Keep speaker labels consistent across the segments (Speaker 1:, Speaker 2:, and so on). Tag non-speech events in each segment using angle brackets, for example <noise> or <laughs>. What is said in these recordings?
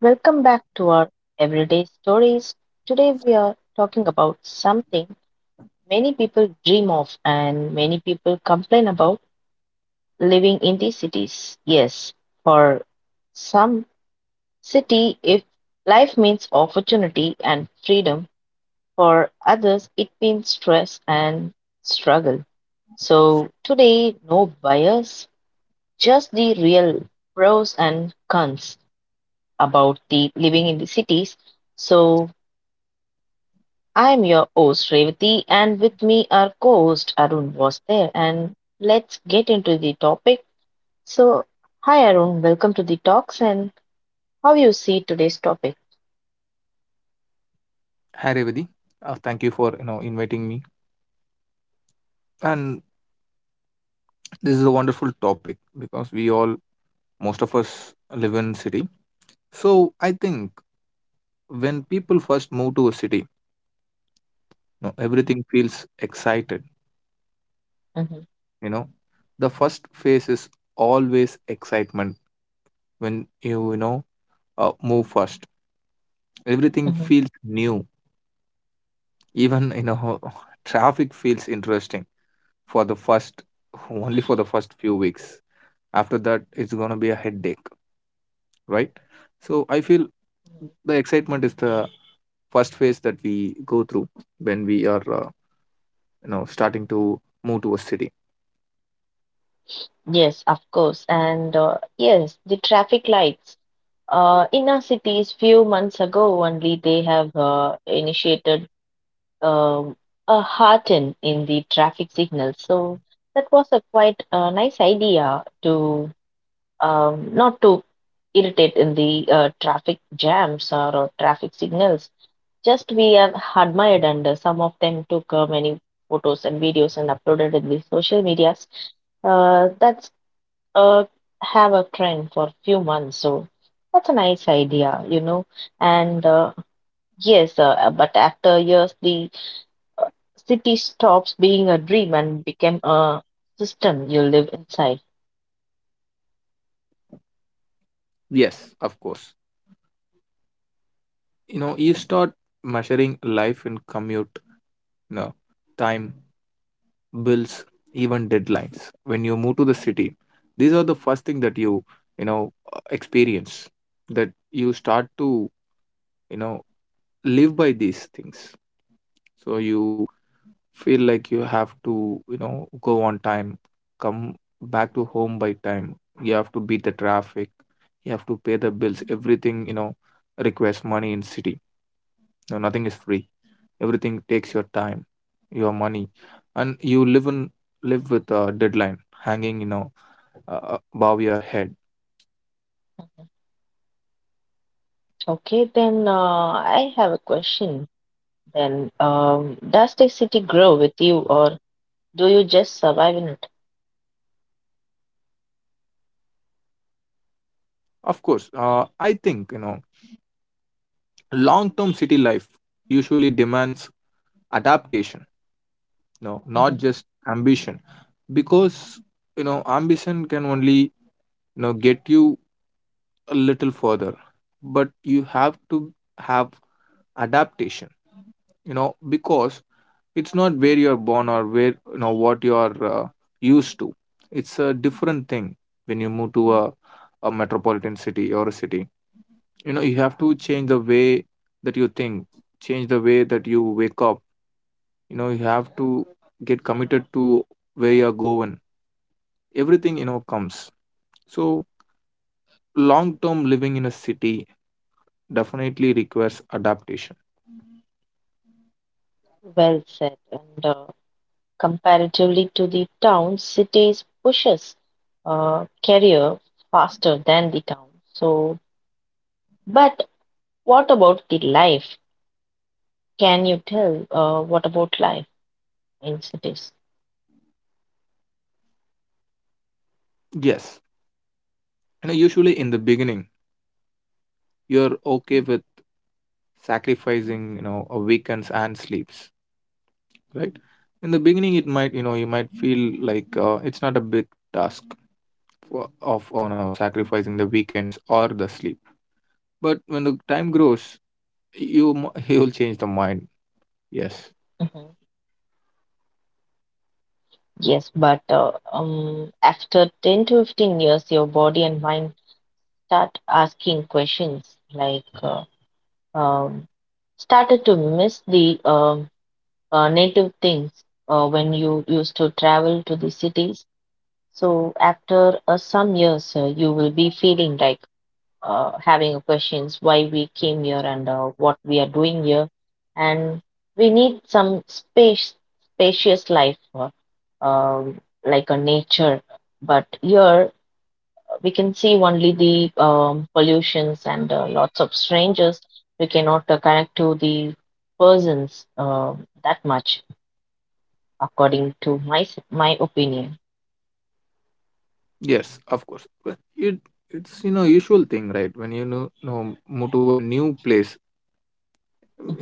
Speaker 1: Welcome back to our Everyday Stories. Today we are talking about something many people dream of and many people complain about: living in the cities. Yes, for some city if life means opportunity and freedom; for others it means stress and struggle. So today, no bias, just the real pros and cons about the living in the cities. So I'm your host Revati, and with me our co-host Arun was there. And let's get into the topic. So, hi Arun, welcome to the talks. And how you see today's topic?
Speaker 2: Hi Revati, thank you for inviting me. And this is a wonderful topic because most of us, live in city. So I think when people first move to a city, you know, everything feels excited.
Speaker 1: hmm
Speaker 2: You know, the first phase is always excitement when you know move first. Everything
Speaker 1: hmm
Speaker 2: feels new. Even you know <laughs> traffic feels interesting for the first <laughs> only for the first few weeks. After that, it's gonna be a headache, right? So I feel the excitement is the first phase that we go through when we are you know starting to move to a city.
Speaker 1: Yes, of course. And yes, the traffic lights. In our cities, few months ago only, they have initiated um a hearten in the traffic signals. So that was a quite nice idea to not to irritate in the traffic jams or traffic signals. Just we have admired, and some of them took many photos and videos and uploaded in the social medias. That's uh, have a friend for few months. So that's a nice idea, you know. And yes, but after years, the city stops being a dream and became a system you live inside.
Speaker 2: Yes, of course. You know, you start measuring life in commute, you know, time, bills, even deadlines. When you move to the city, these are the first thing that you know experience, that you start to you know live by these things. So you feel like you have to you know go on time, come back to home by time, you have to beat the traffic, you have to pay the bills, everything you know requires money in city, no nothing is free, everything takes your time, your money, and you live in live with a deadline hanging you know above your head.
Speaker 1: Okay, then I have a question. Then, does the city grow with you, or do you just survive in it?
Speaker 2: Of course, I think you know long term city life usually demands adaptation, no
Speaker 1: Mhm.
Speaker 2: not just ambition, because you know ambition can only you know get you a little further, but you have to have adaptation, you know, because it's not where you're born or where you know what you're used to. It's a different thing when you move to a metropolitan city or a city. You know you have to change the way that you think, change the way that you wake up, you know you have to get committed to where you're going, everything you know comes. So long term living in a city definitely requires adaptation.
Speaker 1: Well said. And comparatively to the town, cities pushes career faster than the town. So, but what about the life? Can you tell what about life in cities?
Speaker 2: Yes, you know usually in the beginning you're okay with sacrificing you know a weekends and sleeps, right? In the beginning it might you know you might feel like it's not a big task of you know sacrificing the weekends or the sleep, but when the time grows, <laughs> you'll change the mind, yes.
Speaker 1: hmm Yes, but after 10 to 15 years, your body and mind start asking questions like um, started to miss the native things when you used to travel to the cities. So after some years, you will be feeling like having a questions why we came here and what we are doing here, and we need some space, spacious life, like a nature. But here we can see only the pollutions and lots of strangers. We cannot connect to the persons that much, according to my opinion.
Speaker 2: Yes, of course, but it's you know usual thing, right? When you know move to a new place,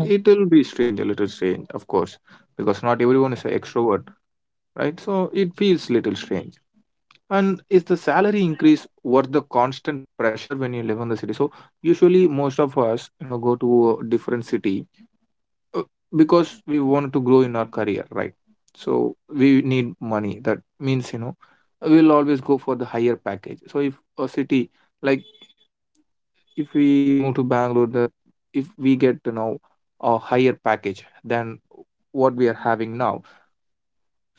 Speaker 2: it'll be strange, a little strange, of course, because not everyone is an extrovert, right? So it feels little strange. And is the salary increase worth the constant pressure when you live in the city? So usually most of us, you know, go to a different city uh, because we want to grow in our career, right? So we need money. That means, you know, we'll always go for the higher package. So if a city, like if we move to Bangalore, that if we get to know a higher package than what we are having now,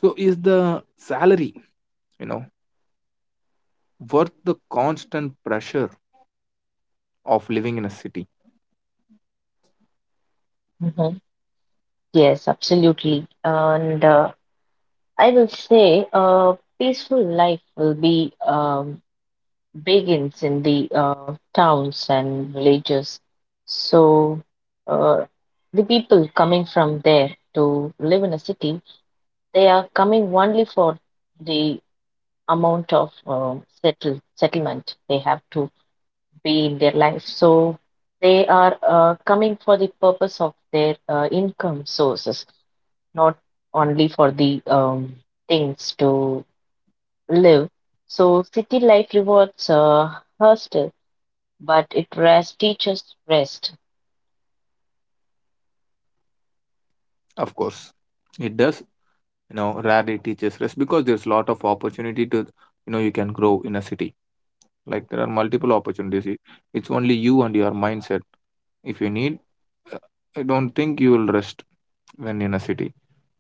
Speaker 2: so is the salary, you know, worth the constant pressure of living in a city?
Speaker 1: Mhm. Yes, absolutely. And I will say a peaceful life will be begins in the towns and villages. So uh, the people coming from there to live in a city, they are coming only for the amount of settlement they have to be in their life. So they are coming for the purpose of their income sources, not only for the things to live. So city life rewards hustle, but it rest teaches rest.
Speaker 2: Of course, it does. You know, rarely teaches rest because there's a lot of opportunity to, you know, you can grow in a city. Like there are multiple opportunities. It's only you and your mindset. If you need, uh, I don't think you will rest when in a city,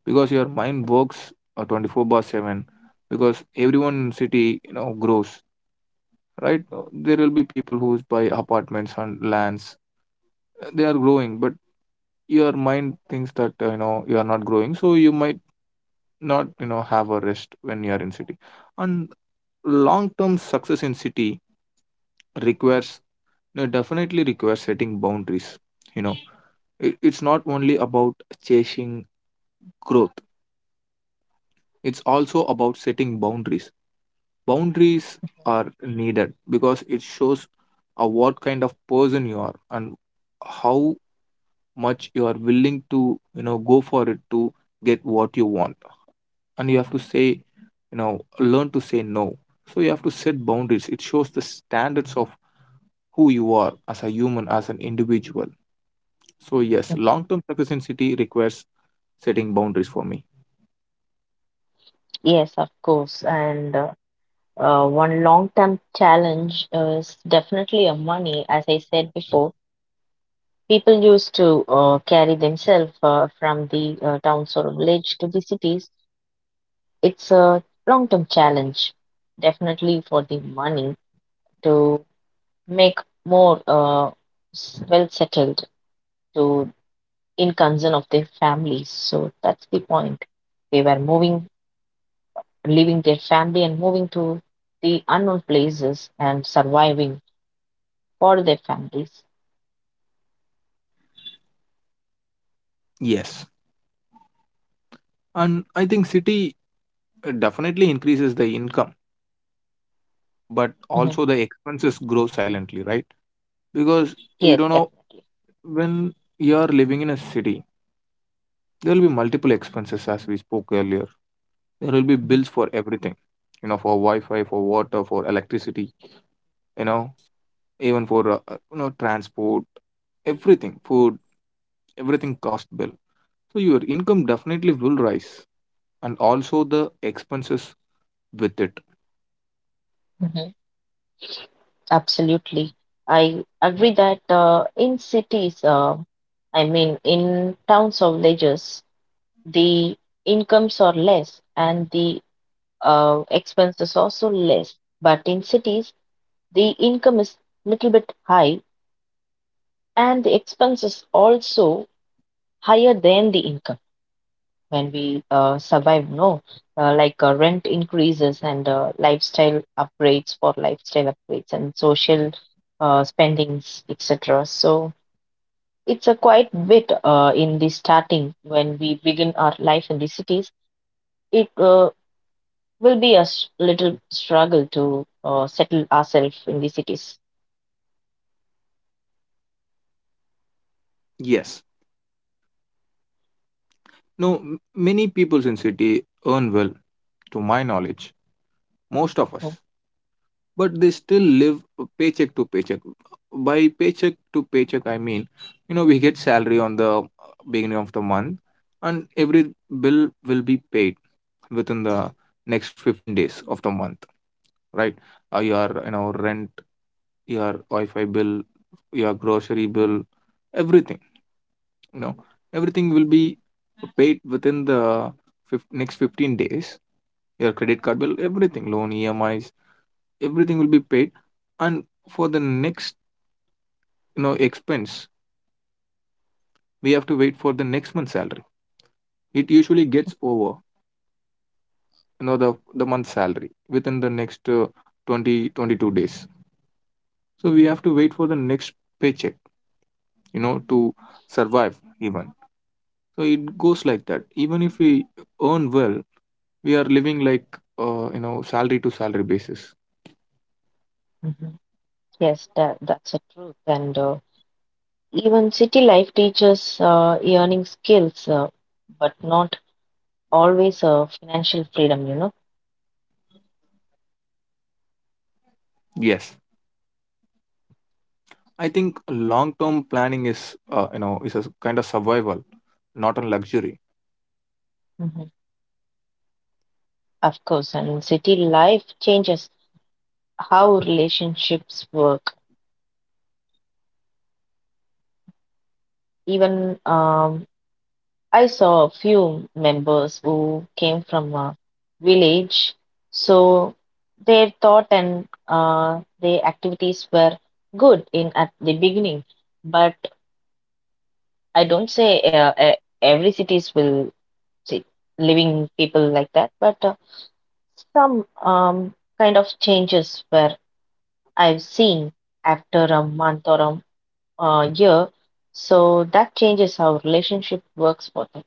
Speaker 2: because your mind works 24 bar 7, because everyone in city you know grows, right? There will be people who buy apartments and lands. They are growing but your mind thinks that you know you are not growing, so you might not you know have a rest when you are in city. And long term success in city requires definitely requires setting boundaries, you know. It's not only about chasing growth, it's also about setting boundaries. Boundaries are needed because it shows what kind of person you are and how much you are willing to you know go for it to get what you want, and you have to say you know learn to say no. So you have to set boundaries, it shows the standards of who you are as a human, as an individual. So yes,
Speaker 1: Mhm.
Speaker 2: long term success in city requires setting boundaries for me.
Speaker 1: Yes, of course. And one long-term challenge is definitely a money. As I said before, people used to carry themselves from the towns or village to the cities. It's a long-term challenge, definitely for the money to make more well settled to in concern of their families. So that's the point. They were moving, leaving their family and moving to the unknown places and surviving for their families.
Speaker 2: Yes, and I think city definitely increases the income, but
Speaker 1: Mhm.
Speaker 2: also the expenses grow silently, right? Because you
Speaker 1: Yes,
Speaker 2: don't know,
Speaker 1: definitely.
Speaker 2: when you are living in a city, there will be multiple expenses as we spoke earlier. There will be
Speaker 1: Mhm.
Speaker 2: bills for everything, you know, for Wi-Fi, for water, for electricity, you know, even for you know transport, everything, food, everything cost bill. So your income definitely will rise, and also the expenses with it.
Speaker 1: Mhm. Absolutely. I agree that in cities, I mean, in towns or villages, the incomes are less and the expense is also less. But in cities, the income is little bit high and the expense is also higher than the income when we survive. No, like rent increases and lifestyle upgrades and social spendings, etc. So it's a quite bit in the starting when we begin our life in the cities. It will be a little struggle to settle ourselves in the cities.
Speaker 2: Yes, no, many peoples in city earn well, to my knowledge, most of us,
Speaker 1: Mhm.
Speaker 2: but they still live paycheck to paycheck. By paycheck to paycheck, I mean, you know, we get salary on the beginning of the month, and every bill will be paid within the next 15 days of the month, right? Your you know rent, your Wi-Fi bill, your grocery bill, everything. You know, everything will be paid within the next 15 days. Your credit card bill, everything, loan, EMIs, everything will be paid, and for the next you know expense we have to wait for the next month's salary. It usually gets over you know the month's salary within the next 20 22 days, so we have to wait for the next paycheck you know to survive even. So it goes like that even if we earn well, we are living like you know salary to salary basis.
Speaker 1: Mhm. Yes, that's a truth. And even city life teaches earning skills, but not always financial freedom, you know.
Speaker 2: Yes, I think long term planning is you know is a kind of survival, not a luxury.
Speaker 1: Mhm. Of course, and city life changes how relationships work. Even I saw a few members who came from a village, so their thought and their activities were good in at the beginning. But I don't say every cities will see living people like that, but some kind of changes where I've seen after a month or a year. So that changes how relationship works for them.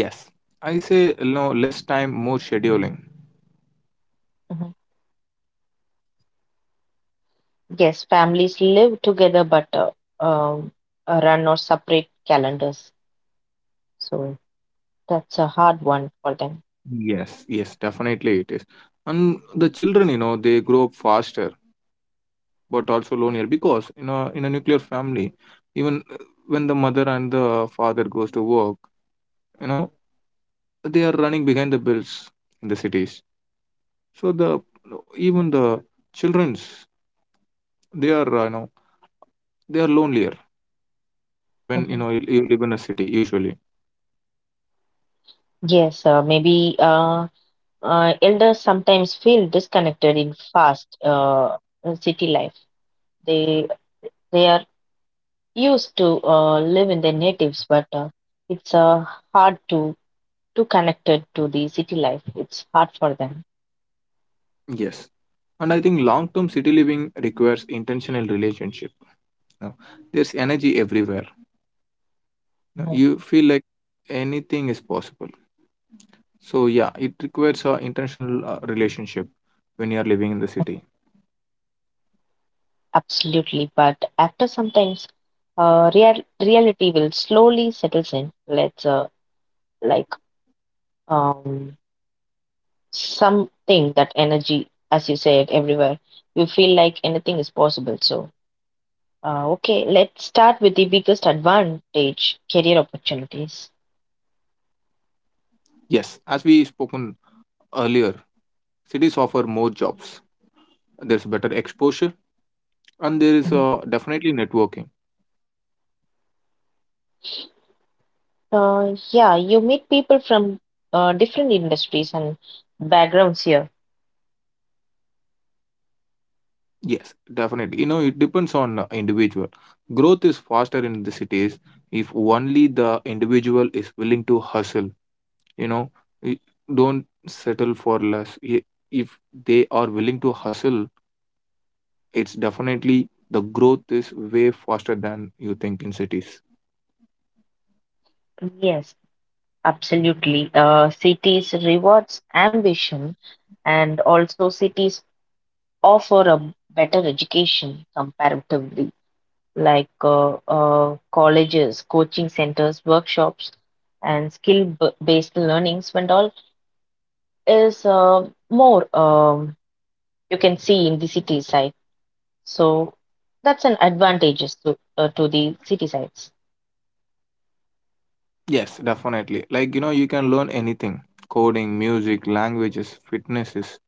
Speaker 2: Yes, I say you know less time, more scheduling.
Speaker 1: Mm-hmm. Yes, families live together but um, run or separate calendars. So that's a hard one for them.
Speaker 2: Yes, yes, definitely it is. And the children, you know, they grow up faster but also lonelier because you know in a nuclear family, even when the mother and the father goes to work, you know, they are running behind the bills in the cities. So the children's, they are you know they are lonelier when you
Speaker 1: Mhm.
Speaker 2: know you live in a city usually.
Speaker 1: Yes, maybe elders sometimes feel disconnected in fast city life. They they are used to live in their natives, but it's hard to connected to the city life. It's hard for them.
Speaker 2: Yes. And I think long-term city living requires intentional relationship. You know. There's energy everywhere. No,
Speaker 1: Mhm.
Speaker 2: you feel like anything is possible. So yeah, it requires a international relationship when you are living in the city.
Speaker 1: Absolutely, but after sometimes, real reality will slowly settles in. Let's like um something that energy, as you said, everywhere. You feel like anything is possible. So, okay, let's start with the biggest advantage: career opportunities.
Speaker 2: Yes, as we spoken earlier, cities offer more jobs. There's better exposure, and there is
Speaker 1: Mhm.
Speaker 2: definitely networking.
Speaker 1: Yeah, you meet people from different industries and backgrounds here.
Speaker 2: Yes, definitely. You know, it depends on individual. Growth is faster in the cities if only the individual is willing to hustle. You know, y- don't settle for less. If they are willing to hustle, it's definitely the growth is way faster than you think in cities.
Speaker 1: Yes, absolutely. Cities rewards ambition, and also cities offer a better education comparatively, like colleges, coaching centers, workshops, and skill-based learnings, and all is more you can see in the city side. So that's an advantages to the city sides.
Speaker 2: Yes, definitely. Like, you know, you can learn anything, coding, music, languages, fitnesses.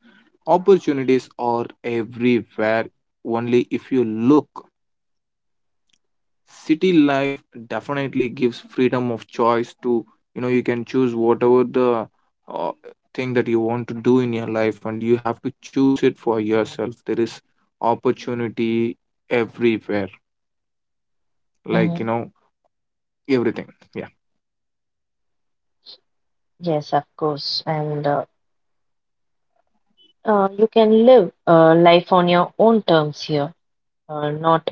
Speaker 2: Opportunities are everywhere. Only if you look, city life definitely gives freedom of choice to, you know, you can choose whatever the uh, thing that you want to do in your life and you have to choose it for yourself. There is opportunity everywhere. Like,
Speaker 1: hmm
Speaker 2: you know, everything. Yeah,
Speaker 1: Yes, of course. And you can live life on your own terms here. Not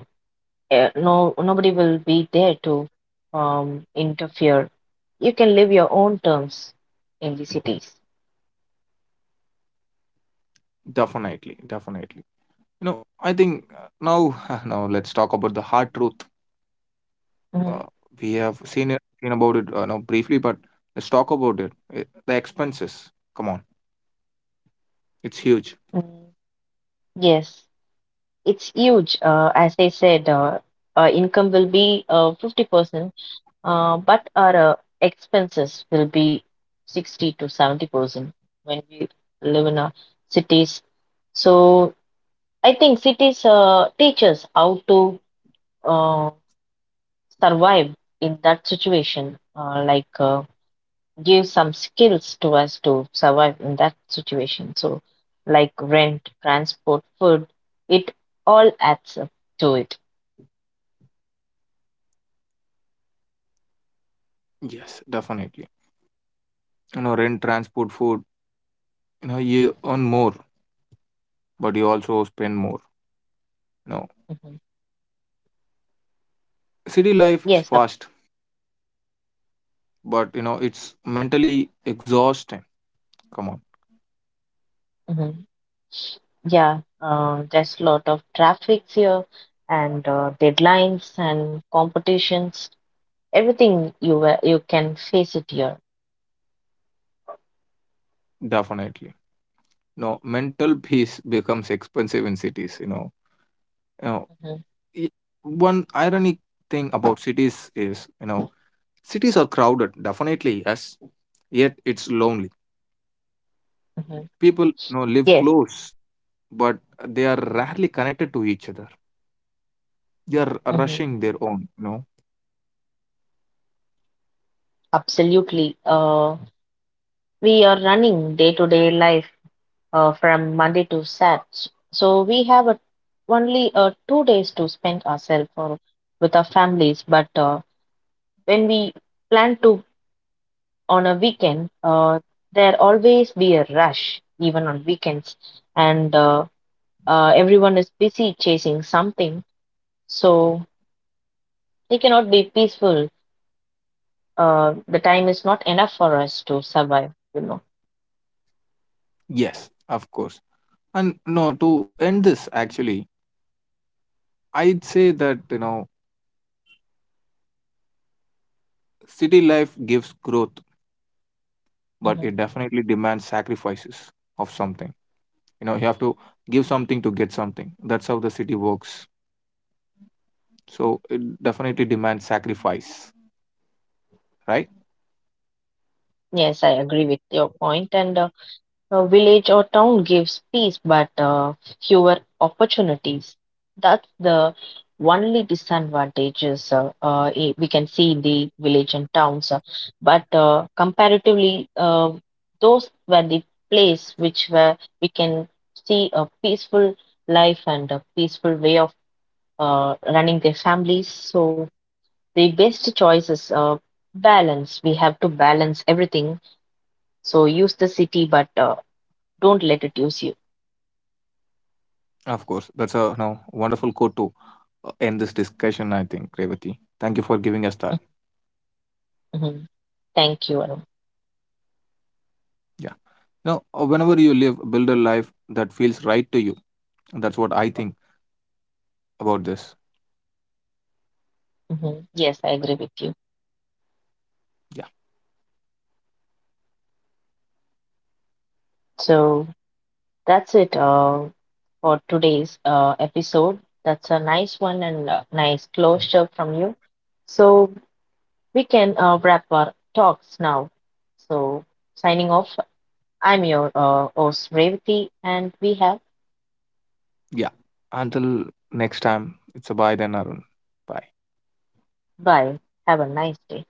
Speaker 1: no nobody will be there to interfere. You can live your own terms in the cities.
Speaker 2: definitely, definitely. You know, I think now <laughs> now let's talk about the hard truth. Uh,
Speaker 1: Mhm.
Speaker 2: we have seen about it, now briefly, but let's talk about it. The expenses. Come on, it's huge.
Speaker 1: Mm, yes, it's huge. As I said, income will be 50%, but our expenses will be 60 to 70% when we live in our cities. So I think cities teach us how to uh, survive in that situation, like give some skills to us to survive in that situation. So, like rent, transport, food, it all adds up to it.
Speaker 2: Yes, definitely. You know, rent, transport, food. You know, you earn more, but you also spend more. You know,
Speaker 1: Mhm.
Speaker 2: city life is
Speaker 1: Yes,
Speaker 2: fast, but you know it's mentally exhausting. Come on,
Speaker 1: mhm. Yeah, there's a lot of traffic here and deadlines and competitions. Everything you can face it here.
Speaker 2: definitely. No, mental <laughs> peace becomes expensive in cities. You know,
Speaker 1: Mhm,
Speaker 2: i- one ironic thing about cities is you know cities are crowded, definitely yes, yet it's lonely,
Speaker 1: mhm.
Speaker 2: people you know live
Speaker 1: Yes,
Speaker 2: close, but they are rarely connected to each other, they are
Speaker 1: mhm,
Speaker 2: rushing their own you know.
Speaker 1: absolutely. We are running day-to-day life from Monday to Sat, so we have a, only 2 days to spend ourselves or with our families. But when we plan to on a weekend, there always be a rush, even on weekends, and everyone is busy chasing something, so they cannot be peaceful. The time is not enough for us to survive, you know.
Speaker 2: Yes, of course, and no, to end this actually I'd say that you know city life gives growth, but
Speaker 1: Mhm.
Speaker 2: it definitely demands sacrifices of something, you know you have to give something to get something, that's how the city works. So it definitely demands sacrifice, right?
Speaker 1: Yes, I agree with your point, and a village or town gives peace but fewer opportunities. That's the only disadvantages we can see in the village and towns. But comparatively, those were the place which where we can see a peaceful life and a peaceful way of running their families. So the best choice is balance. We have to balance everything. So use the city, but don't let it use you.
Speaker 2: Of course. That's a no, wonderful quote to end this discussion, I think, Revati. Thank you for giving us that.
Speaker 1: hmm Thank you, Arun.
Speaker 2: Yeah. Now, whenever you live, build a life that feels right to you. That's what I think about this.
Speaker 1: Yes, I agree with you.
Speaker 2: Yeah.
Speaker 1: So that's it for today's episode. That's a nice one and a nice closure from you. So we can wrap our talks now. So signing off, I'm your host, Revati, and we have
Speaker 2: Yeah. Until next time, it's a bye then, Arun. Bye.
Speaker 1: bye. Have a nice day.